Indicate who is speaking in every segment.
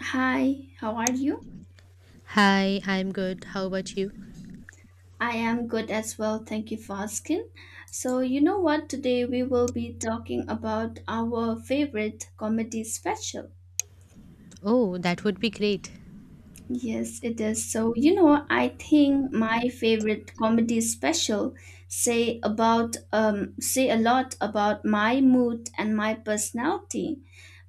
Speaker 1: Hi, how are you?
Speaker 2: Hi, I'm good. How about you?
Speaker 1: I am good as well. Thank you for asking. So, you know what? Today we will be talking about our favorite comedy special.
Speaker 2: Oh, that would be great.
Speaker 1: Yes, it is. So, you know, I think my favorite comedy special say a lot about my mood and my personality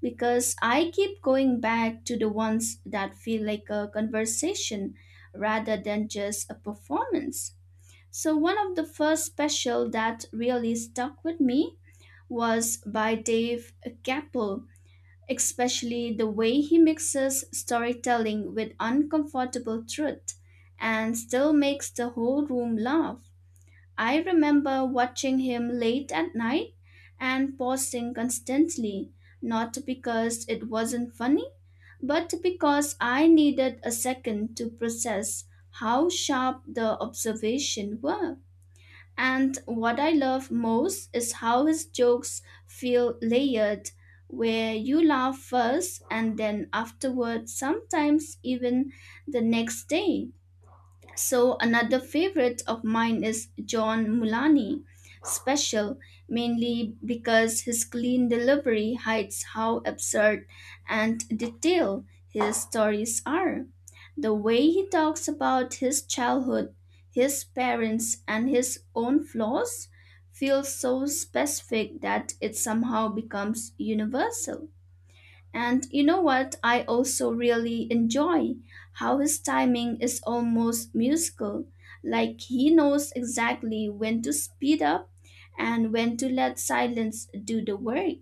Speaker 1: because I keep going back to the ones that feel like a conversation rather than just a performance. So, one of the first special that really stuck with me was by Dave Chappelle, especially the way he mixes storytelling with uncomfortable truth and still makes the whole room laugh. I remember watching him late at night and pausing constantly, not because it wasn't funny, but because I needed a second to process how sharp the observation were. And what I love most is how his jokes feel layered, where you laugh first and then afterward, sometimes even the next day. So another favorite of mine is John Mulani special, mainly because his clean delivery hides how absurd and detailed his stories are. The way he talks about his childhood, his parents and his own flaws feels so specific that it somehow becomes universal. And you know what I also really enjoy? How his timing is almost musical, like he knows exactly when to speed up and when to let silence do the work.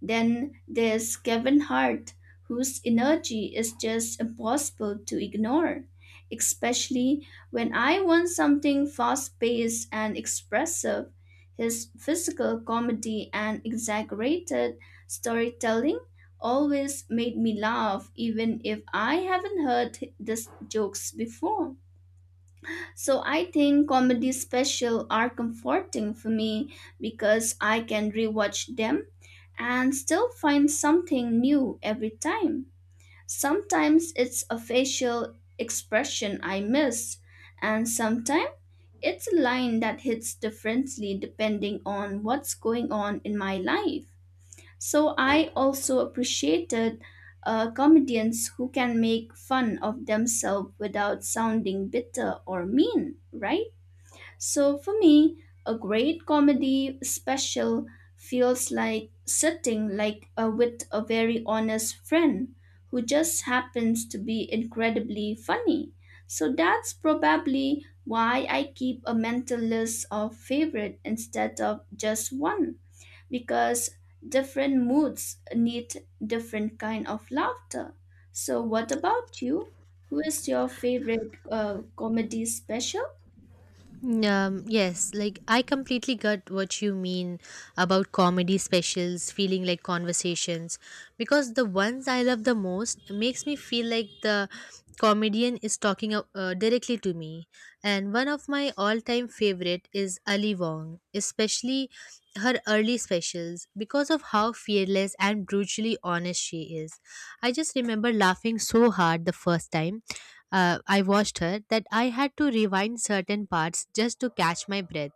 Speaker 1: Then there's Kevin Hart, whose energy is just impossible to ignore, especially when I want something fast paced and expressive. His physical comedy and exaggerated storytelling always made me laugh, even if I haven't heard these jokes before. So I think comedy special are comforting for me because I can rewatch them and still find something new every time. Sometimes it's a facial expression I miss, and sometimes it's a line that hits differently depending on what's going on in my life. So I also appreciated comedians who can make fun of themselves without sounding bitter or mean, right? So for me, a great comedy special feels like sitting like a, with a very honest friend who just happens to be incredibly funny. So that's probably why I keep a mental list of favorite instead of just one because different moods need different kind of laughter. So what about you? Who is your favorite comedy special?
Speaker 2: Mm, yes, like I completely got what you mean about comedy specials feeling like conversations, because the ones I love the most makes me feel like the comedian is talking directly to me. And one of my all-time favorite is Ali Wong, especially her early specials because of how fearless and brutally honest she is. I just remember laughing so hard the first time I watched her that I had to rewind certain parts just to catch my breath.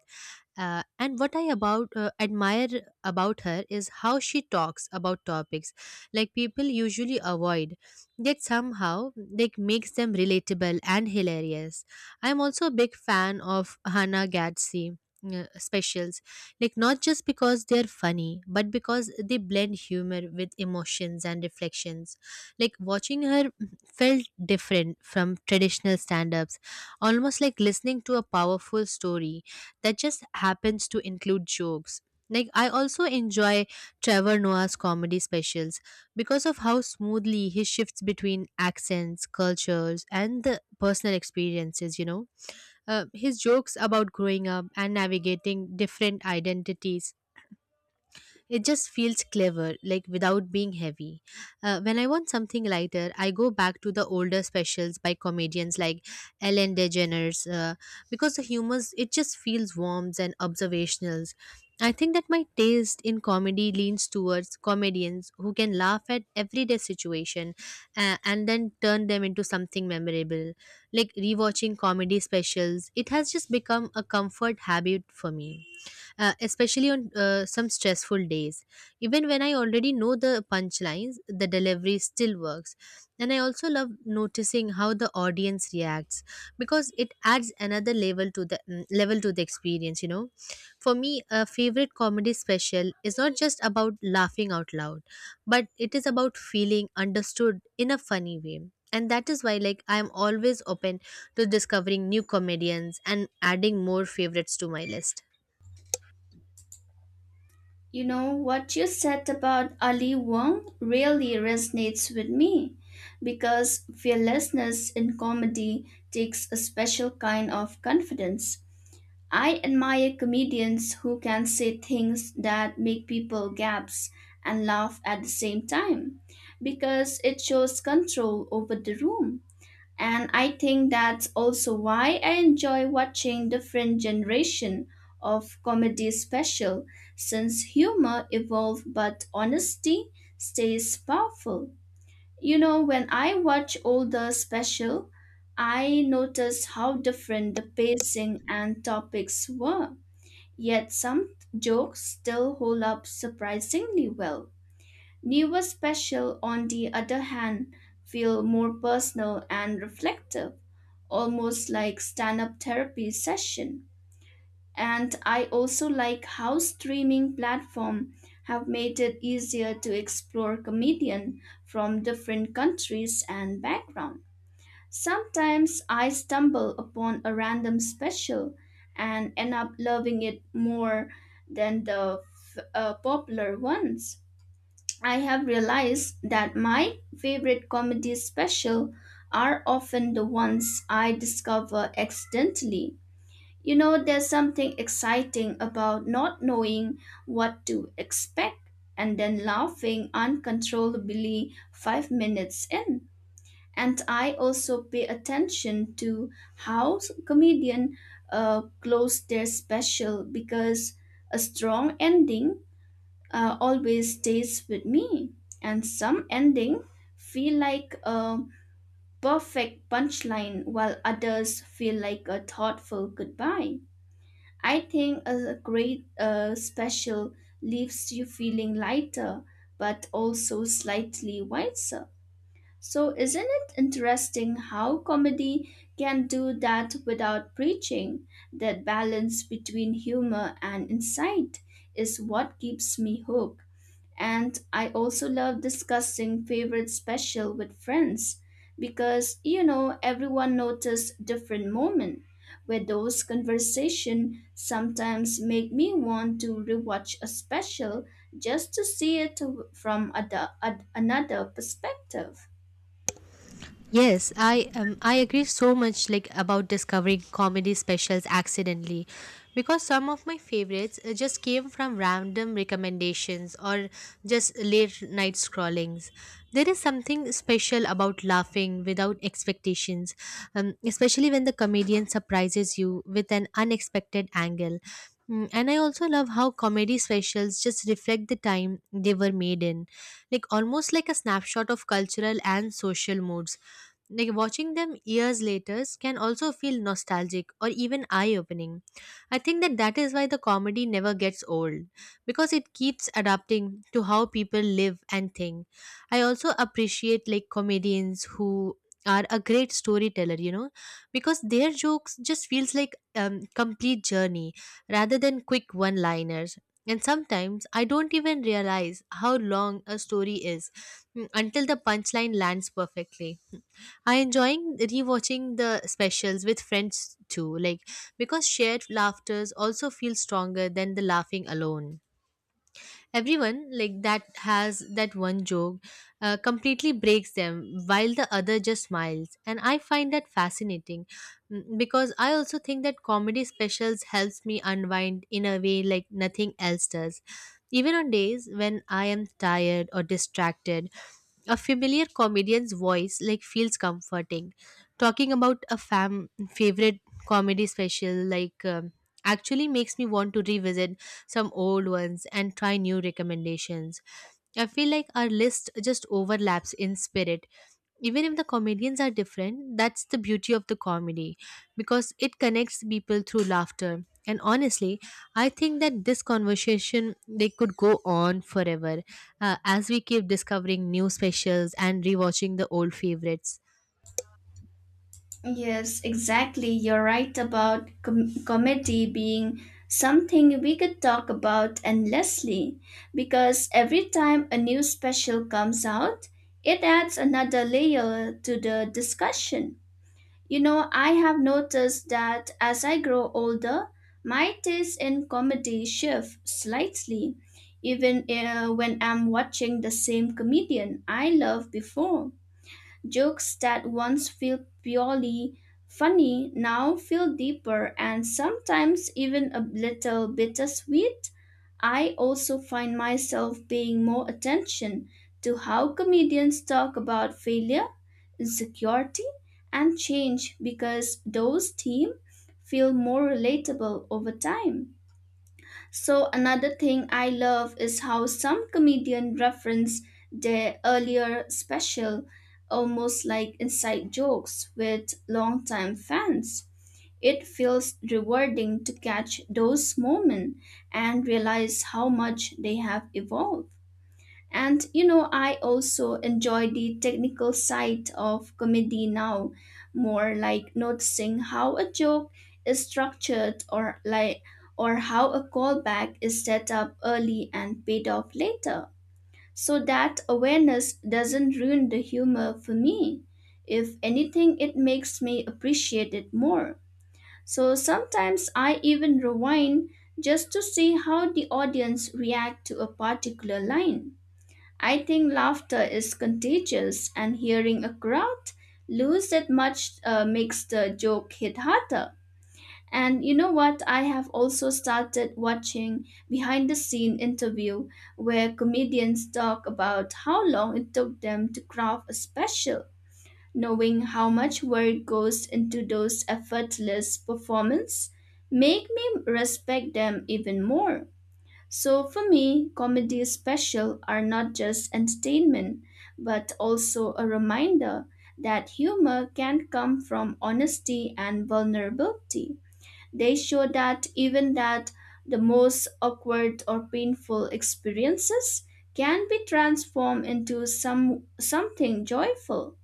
Speaker 2: And what I about admire about her is how she talks about topics like people usually avoid, yet somehow like makes them relatable and hilarious. I'm also a big fan of Hannah Gadsby specials, like not just because they're funny, but because they blend humor with emotions and reflections. Like watching her felt different from traditional stand-ups, almost like listening to a powerful story that just happens to include jokes. Like, I also enjoy Trevor Noah's comedy specials because of how smoothly he shifts between accents, cultures, and the personal experiences. His jokes about growing up and navigating different identities it just feels clever, like without being heavy. When I want something lighter, I go back to the older specials by comedians like Ellen DeGeneres, because the humor it just feels warm and observational. I think that my taste in comedy leans towards comedians who can laugh at everyday situation, and then turn them into something memorable. Like rewatching comedy specials, it has just become a comfort habit for me, especially on some stressful days. Even when I already know the punchlines, the delivery still works. And I also love noticing how the audience reacts, because it adds another level to the experience. For me, a favorite comedy special is not just about laughing out loud, but it is about feeling understood in a funny way. And that is why like I am always open to discovering new comedians and adding more favorites to my list.
Speaker 1: You know, what you said about Ali Wong really resonates with me because fearlessness in comedy takes a special kind of confidence. I admire comedians who can say things that make people gasp and laugh at the same time because it shows control over the room. And I think that's also why I enjoy watching different generation of comedy special since humor evolve but honesty stays powerful. You know, when I watch older special, I notice how different the pacing and topics were. Yet some jokes still hold up surprisingly well. Newer special, on the other hand, feel more personal and reflective, almost like stand up therapy session. And I also like how streaming platform have made it easier to explore comedian from different countries and background. Sometimes I stumble upon a random special and end up loving it more than the popular ones. I have realized that my favorite comedy special are often the ones I discover accidentally. You know, there's something exciting about not knowing what to expect and then laughing uncontrollably 5 minutes in. And I also pay attention to how comedian close their special because a strong ending always stays with me. And some ending feel like a perfect punchline, while others feel like a thoughtful goodbye. I think a great special leaves you feeling lighter, but also slightly wiser. So, isn't it interesting how comedy can do that without preaching? That balance between humor and insight is what keeps me hooked. And I also love discussing favorite special with friends because you know everyone notices different moment where those conversation sometimes make me want to rewatch a special just to see it from another perspective.
Speaker 2: Yes, I agree so much like about discovering comedy specials accidentally, because some of my favorites just came from random recommendations or just late night scrollings. There is something special about laughing without expectations, especially when the comedian surprises you with an unexpected angle. And I also love how comedy specials just reflect the time they were made in, like almost like a snapshot of cultural and social moods, like watching them years later can also feel nostalgic or even eye opening. I think that that is why the comedy never gets old, because it keeps adapting to how people live and think. I also appreciate like comedians who are a great storyteller, because their jokes just feels like complete journey rather than quick one-liners. And sometimes I don't even realize how long a story is, until the punchline lands perfectly. I enjoying rewatching the specials with friends too, like because shared laughters also feel stronger than the laughing alone. Everyone like that has that one joke completely breaks them while the other just smiles, and I find that fascinating, because I also think that comedy specials helps me unwind in a way like nothing else does, even on days when I am tired or distracted, a familiar comedian's voice like feels comforting. Talking about a fam favorite comedy special, like actually makes me want to revisit some old ones and try new recommendations. I feel like our list just overlaps in spirit. Even if the comedians are different, that's the beauty of the comedy, because it connects people through laughter. And honestly, I think that this conversation they could go on forever, as we keep discovering new specials and rewatching the old favorites.
Speaker 1: Yes, exactly. You're right about comedy being something we could talk about endlessly because every time a new special comes out, it adds another layer to the discussion. You know, I have noticed that as I grow older, my taste in comedy shifts slightly, even when I'm watching the same comedian I loved before. Jokes that once felt purely funny now feel deeper and sometimes even a little bittersweet. I also find myself paying more attention to how comedians talk about failure, insecurity, and change because those themes feel more relatable over time. So another thing I love is how some comedian reference their earlier special almost like inside jokes with longtime fans. It feels rewarding to catch those moments and realize how much they have evolved. And you know, I also enjoy the technical side of comedy now, more like noticing how a joke is structured or how a callback is set up early and paid off later. So that awareness doesn't ruin the humor for me. If anything, it makes me appreciate it more. So sometimes I even rewind just to see how the audience react to a particular line. I think laughter is contagious, and hearing a crowd lose that much makes the joke hit harder. And you know what? I have also started watching behind the scene interview where comedians talk about how long it took them to craft a special, knowing how much work goes into those effortless performance make me respect them even more. So for me, comedy special are not just entertainment, but also a reminder that humor can come from honesty and vulnerability. They show that even that the most awkward or painful experiences can be transformed into something joyful.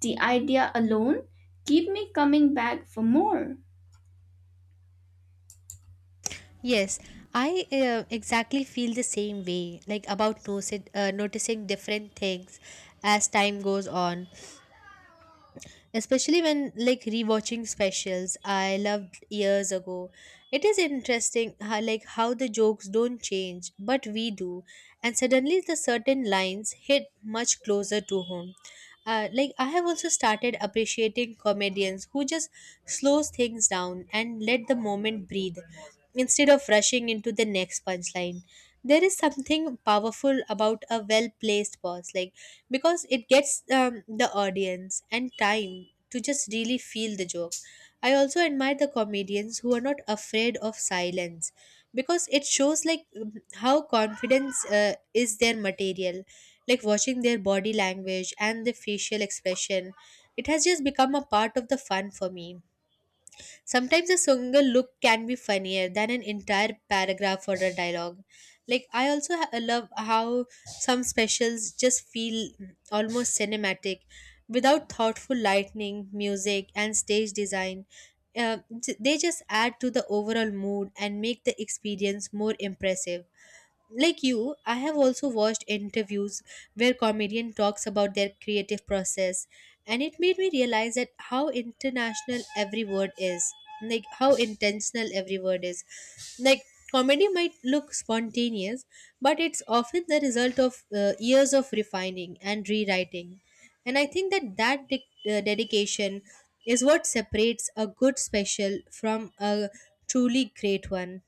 Speaker 1: The idea alone keep me coming back for more.
Speaker 2: Yes, I exactly feel the same way, like about noticing different things as time goes on, especially when like rewatching specials I loved years ago. It is interesting how, like how the jokes don't change, but we do, and suddenly the certain lines hit much closer to home. Like I have also started appreciating comedians who just slows things down and let the moment breathe instead of rushing into the next punchline. There is something powerful about a well placed pause, like because it gets the audience and time to just really feel the joke. I also admire the comedians who are not afraid of silence, because it shows like how confidence is their material, like watching their body language and the facial expression it has just become a part of the fun for me. Sometimes a single look can be funnier than an entire paragraph or a dialogue. Like, I also love how some specials just feel almost cinematic without thoughtful lighting, music, and stage design. Uh, they just add to the overall mood and make the experience more impressive. Like you, I have also watched interviews where comedian talks about their creative process, and it made me realize that how international every word is, like how intentional every word is. Like comedy might look spontaneous, but it's often the result of years of refining and rewriting. And I think that that dedication is what separates a good special from a truly great one.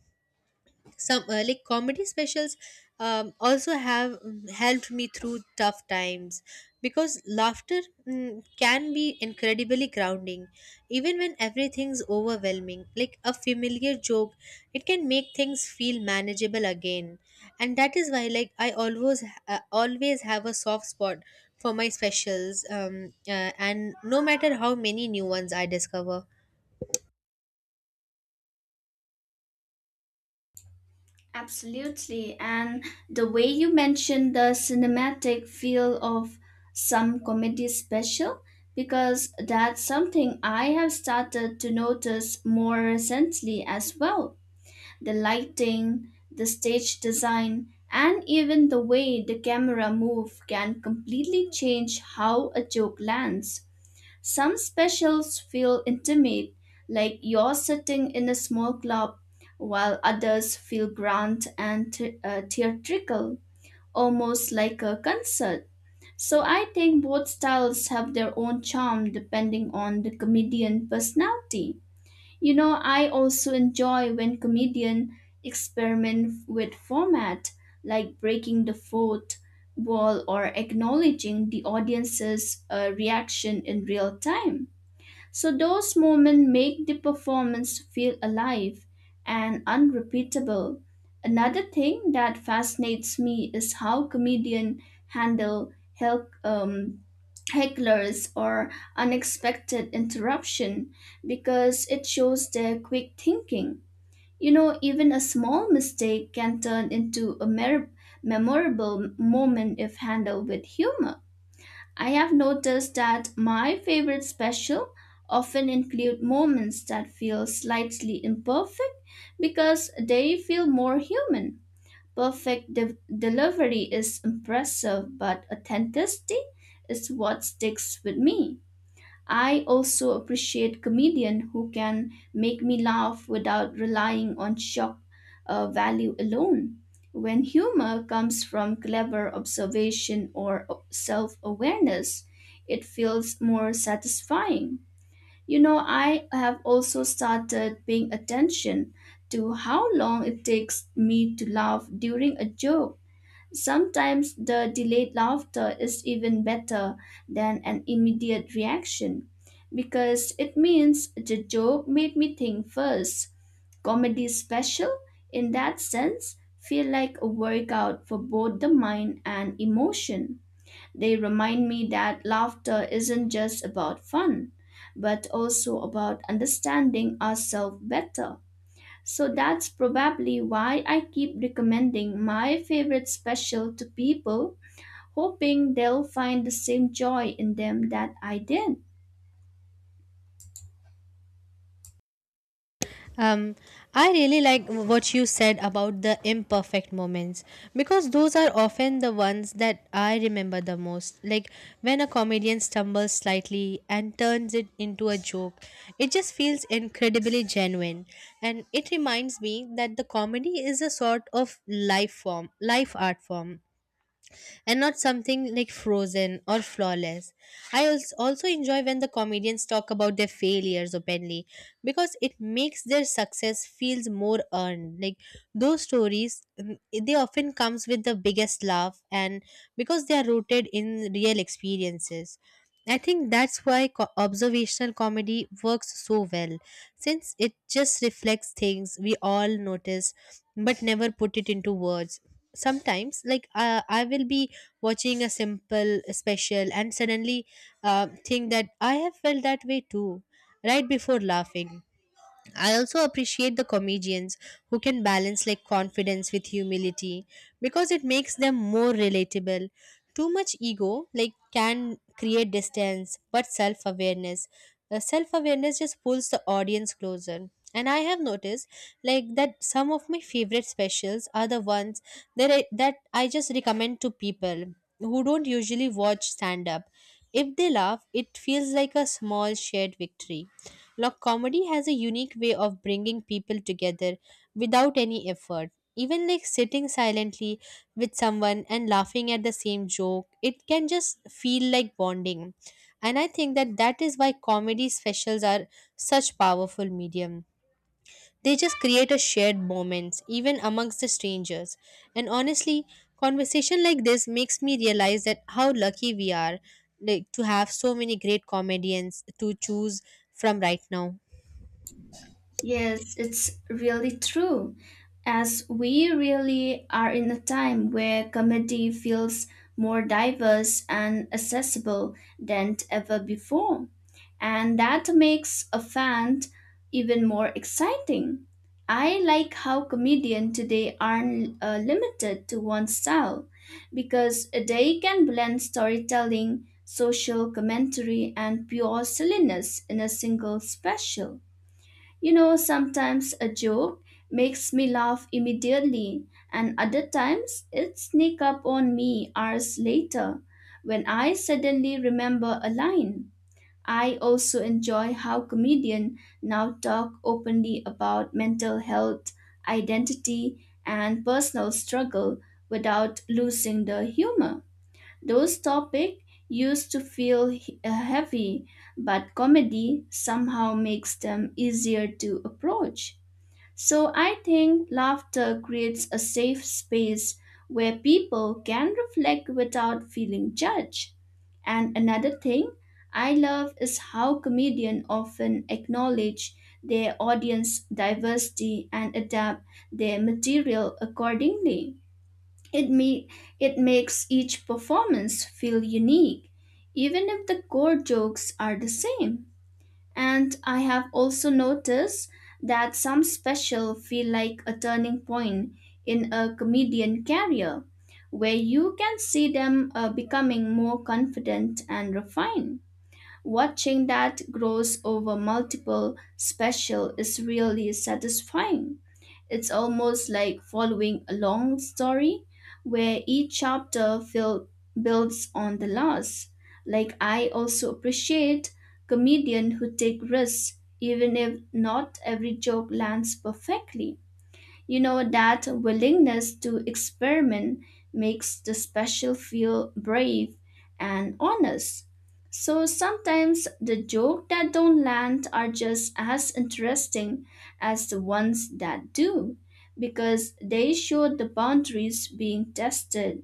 Speaker 2: Some, like comedy specials, also have helped me through tough times, because laughter can be incredibly grounding, even when everything's overwhelming. Like a familiar joke, it can make things feel manageable again. And that is why like I always have a soft spot for my specials, and no matter how many new ones I discover.
Speaker 1: Absolutely. And the way you mentioned the cinematic feel of some comedy special, because that's something I have started to notice more recently as well. The lighting, the stage design, and even the way the camera move can completely change how a joke lands. Some specials feel intimate, like you're sitting in a small club, while others feel grand and theatrical, almost like a concert. So I think both styles have their own charm depending on the comedian personality. You know, I also enjoy when comedian experiment with format, like breaking the fourth wall or acknowledging the audience's reaction in real time. So those moments make the performance feel alive and unrepeatable. Another thing that fascinates me is how comedians handle hecklers or unexpected interruption because it shows their quick thinking. You know, even a small mistake can turn into a memorable moment if handled with humor. I have noticed that my favorite special often include moments that feel slightly imperfect because they feel more human. Perfect delivery is impressive, but authenticity is what sticks with me. I also appreciate comedian who can make me laugh without relying on shock value alone. When humor comes from clever observation or self awareness, it feels more satisfying. You know, I have also started paying attention to how long it takes me to laugh during a joke. Sometimes the delayed laughter is even better than an immediate reaction because it means the joke made me think first. Comedy special, in that sense, feel like a workout for both the mind and emotion. They remind me that laughter isn't just about fun, but also about understanding ourselves better. So that's probably why I keep recommending my favorite special to people, hoping they'll find the same joy in them that I did.
Speaker 2: Um, I really like what you said about the imperfect moments, because those are often the ones that I remember the most. Like when a comedian stumbles slightly and turns it into a joke, it just feels incredibly genuine. And it reminds me that the comedy is a sort of life art form, and not something like frozen or flawless. I also enjoy when the comedians talk about their failures openly, because it makes their success feels more earned. Like those stories, they often comes with the biggest laugh, and because they are rooted in real experiences. I think that's why observational comedy works so well, since it just reflects things we all notice but never put it into words. Sometimes like I will be watching a simple special, and suddenly think that I have felt that way too right before laughing. I also appreciate the comedians who can balance like confidence with humility, because it makes them more relatable. Too much ego like can create distance, but self-awareness just pulls the audience closer. And I have noticed like that some of my favorite specials are the ones that I just recommend to people who don't usually watch stand up. If they laugh, it feels like a small shared victory. Look, comedy has a unique way of bringing people together without any effort. Even like sitting silently with someone and laughing at the same joke, it can just feel like bonding. And I think that that is why comedy specials are such powerful medium. They just create a shared moments even amongst the strangers. And honestly, conversation like this makes me realize that how lucky we are like to have so many great comedians to choose from right now.
Speaker 1: Yes, it's really true. As we really are in a time where comedy feels more diverse and accessible than ever before, and that makes a fan even more exciting. I like how comedians today aren't limited to one style because they can blend storytelling, social commentary, and pure silliness in a single special. You know, sometimes a joke makes me laugh immediately, and other times it sneaks up on me hours later when I suddenly remember a line. I also enjoy how comedians now talk openly about mental health, identity, and personal struggle without losing the humor. Those topics used to feel heavy, but comedy somehow makes them easier to approach. So I think laughter creates a safe space where people can reflect without feeling judged. And another thing I love is how comedians often acknowledge their audience diversity and adapt their material accordingly. It, me- it makes each performance feel unique, even if the core jokes are the same. And I have also noticed that some special feel like a turning point in a comedian career, where you can see them becoming more confident and refined. Watching that grows over multiple special is really satisfying. It's almost like following a long story where each builds on the last. Like I also appreciate comedians who take risks even if not every joke lands perfectly. You know, that willingness to experiment makes the special feel brave and honest. So sometimes the jokes that don't land are just as interesting as the ones that do because they show the boundaries being tested.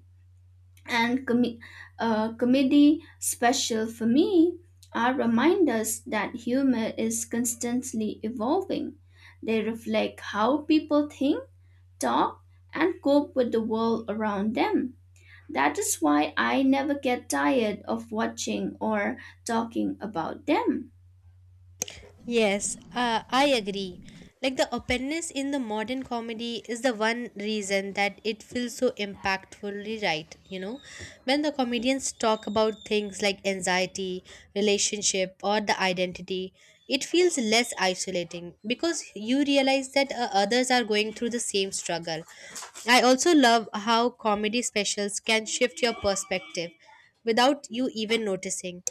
Speaker 1: And comedy special for me are reminders that humor is constantly evolving. They reflect how people think, talk, and cope with the world around them. That is why I never get tired of watching or talking about them.
Speaker 2: Yes, I agree. Like the openness in the modern comedy is the one reason that it feels so impactfully right. When the comedians talk about things like anxiety, relationship, or the identity, it feels less isolating, because you realize that others are going through the same struggle. I also love how comedy specials can shift your perspective without you even noticing.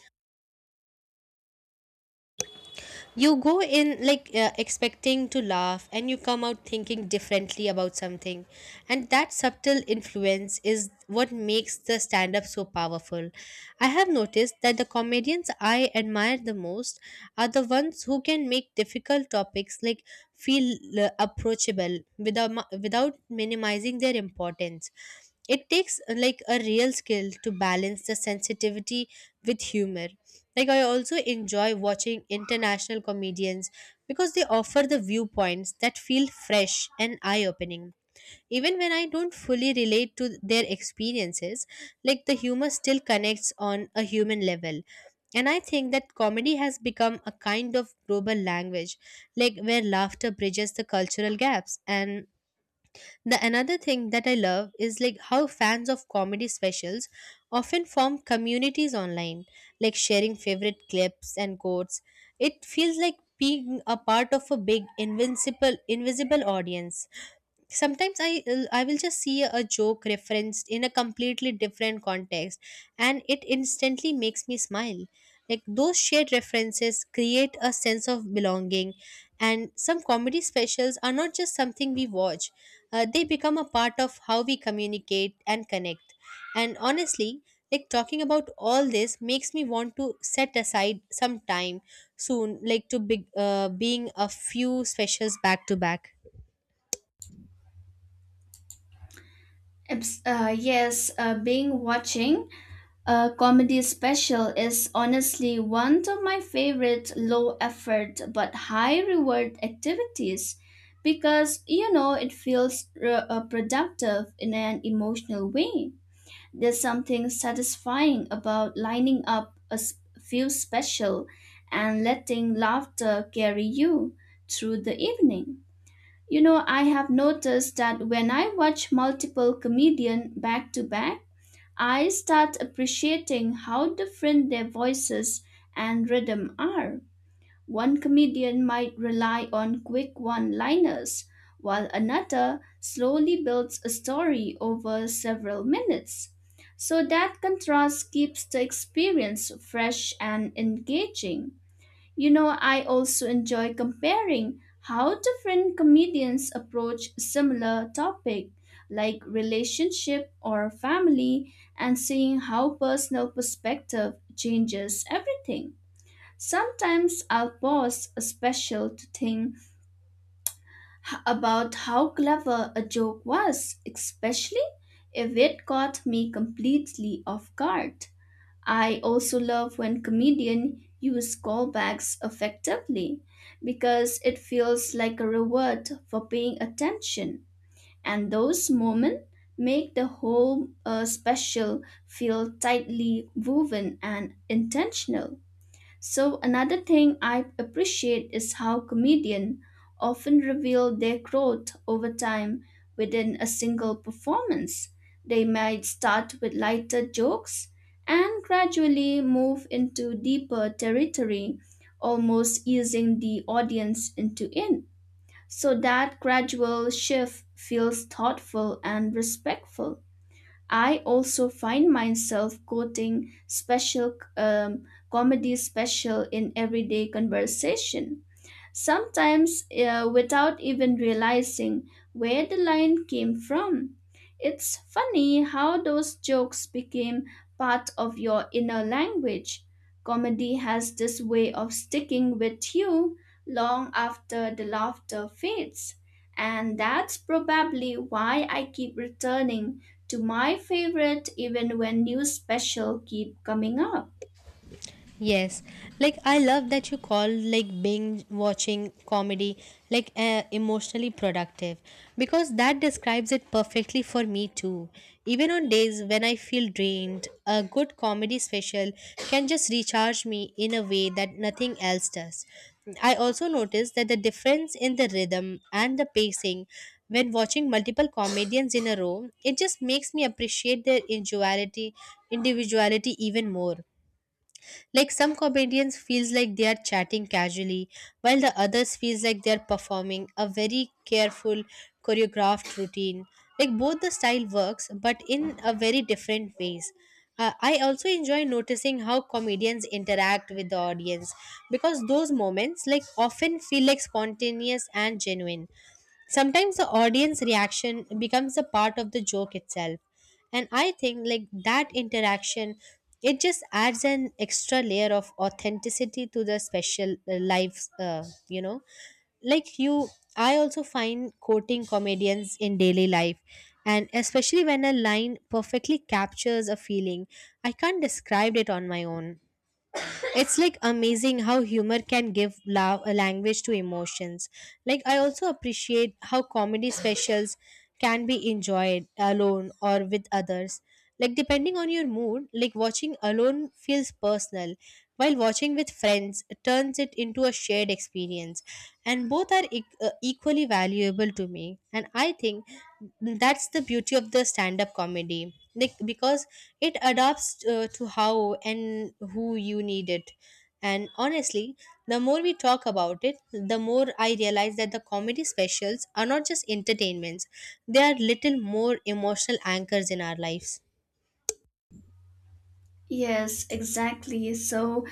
Speaker 2: You go in like expecting to laugh, and you come out thinking differently about something. And that subtle influence is what makes the stand up so powerful. I have noticed that the comedians I admire the most are the ones who can make difficult topics like feel approachable without without minimizing their importance. It takes, like a real skill to balance the sensitivity with humor. Like I also enjoy watching international comedians, because they offer the viewpoints that feel fresh and eye opening. Even when I don't fully relate to their experiences, like the humor still connects on a human level. And I think that comedy has become a kind of global language, like where laughter bridges the cultural gaps. And the another thing that I love is like how fans of comedy specials often form communities online, like sharing favorite clips and quotes. It feels like being a part of a big invincible invisible audience. Sometimes I will just see a joke referenced in a completely different context, and it instantly makes me smile. Like those shared references create a sense of belonging. And some comedy specials are not just something we watch, they become a part of how we communicate and connect. And honestly, like talking about all this makes me want to set aside some time soon, like to big being a few specials back to back.
Speaker 1: Being watching a comedy special is honestly one of my favorite low effort but high reward activities because you know it feels productive in an emotional way. There's something satisfying about lining up a few special and letting laughter carry you through the evening. You know, I have noticed that when I watch multiple comedians back to back, I start appreciating how different their voices and rhythm are. One comedian might rely on quick one liners, while another slowly builds a story over several minutes. So that contrast keeps the experience fresh and engaging. You know, I also enjoy comparing how different comedians approach similar topic like relationship or family and seeing how personal perspective changes everything. Sometimes I'll pause a special to think about how clever a joke was, especially if it caught me completely off guard. I also love when comedians use callbacks effectively because it feels like a reward for paying attention, and those moments make the whole special feel tightly woven and intentional. So another thing I appreciate is how comedians often reveal their growth over time within a single performance. They might start with lighter jokes and gradually move into deeper territory, almost easing the audience into it. So that gradual shift feels thoughtful and respectful. I also find myself quoting special comedy special in everyday conversation sometimes without even realizing where the line came from. It's funny how those jokes became part of your inner language. Comedy has this way of sticking with you long after the laughter fades. And that's probably why I keep returning to my favorite even when new special keep coming up.
Speaker 2: Yes, like I love that you call like binge watching comedy like emotionally productive, because that describes it perfectly for me too. Even on days when I feel drained, a good comedy special can just recharge me in a way that nothing else does. I also noticed that the difference in the rhythm and the pacing when watching multiple comedians in a row, it just makes me appreciate their individuality even more. Like some comedians feels like they are chatting casually, while the others feels like they are performing a very careful choreographed routine. Like both the style works, but in a very different ways. I also enjoy noticing how comedians interact with the audience, because those moments like often feel like spontaneous and genuine. Sometimes the audience reaction becomes a part of the joke itself. And I think like that interaction it just adds an extra layer of authenticity to the special, lives, you know. Like you, I also find quoting comedians in daily life, and especially when a line perfectly captures a feeling I can't describe it on my own. It's like amazing how humor can give love a language to emotions. Like I also appreciate how comedy specials can be enjoyed alone or with others. Like depending on your mood, like watching alone feels personal, while watching with friends turns it into a shared experience, and both are equally valuable to me. And I think that's the beauty of the stand up comedy, like because it adapts, to how and who you need it. And honestly, the more we talk about it, the more I realize that the comedy specials are not just entertainments, they are little more emotional anchors in our lives.
Speaker 1: Yes, exactly. So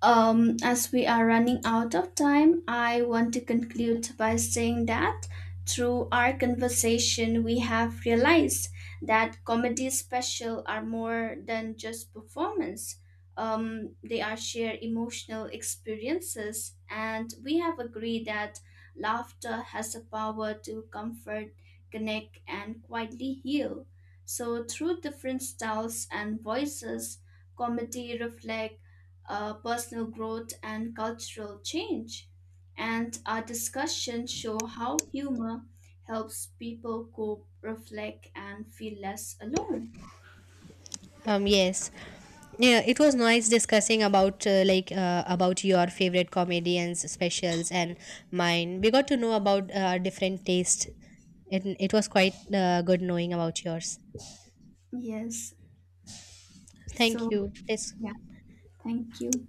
Speaker 1: As we are running out of time, I want to conclude by saying that through our conversation, we have realized that comedy special are more than just performance. They are shared emotional experiences, and we have agreed that laughter has the power to comfort, connect, and quietly heal. So, through different styles and voices, comedy reflects personal growth and cultural change. And our discussions show how humor helps people cope, reflect, and feel less alone.
Speaker 2: Yes. Yeah, it was nice discussing about your favorite comedians specials and mine. We got to know about, different taste. It was quite good knowing about yours.
Speaker 1: Yes.
Speaker 2: Thank
Speaker 1: So,
Speaker 2: you. Yes.
Speaker 1: yeah, thank you.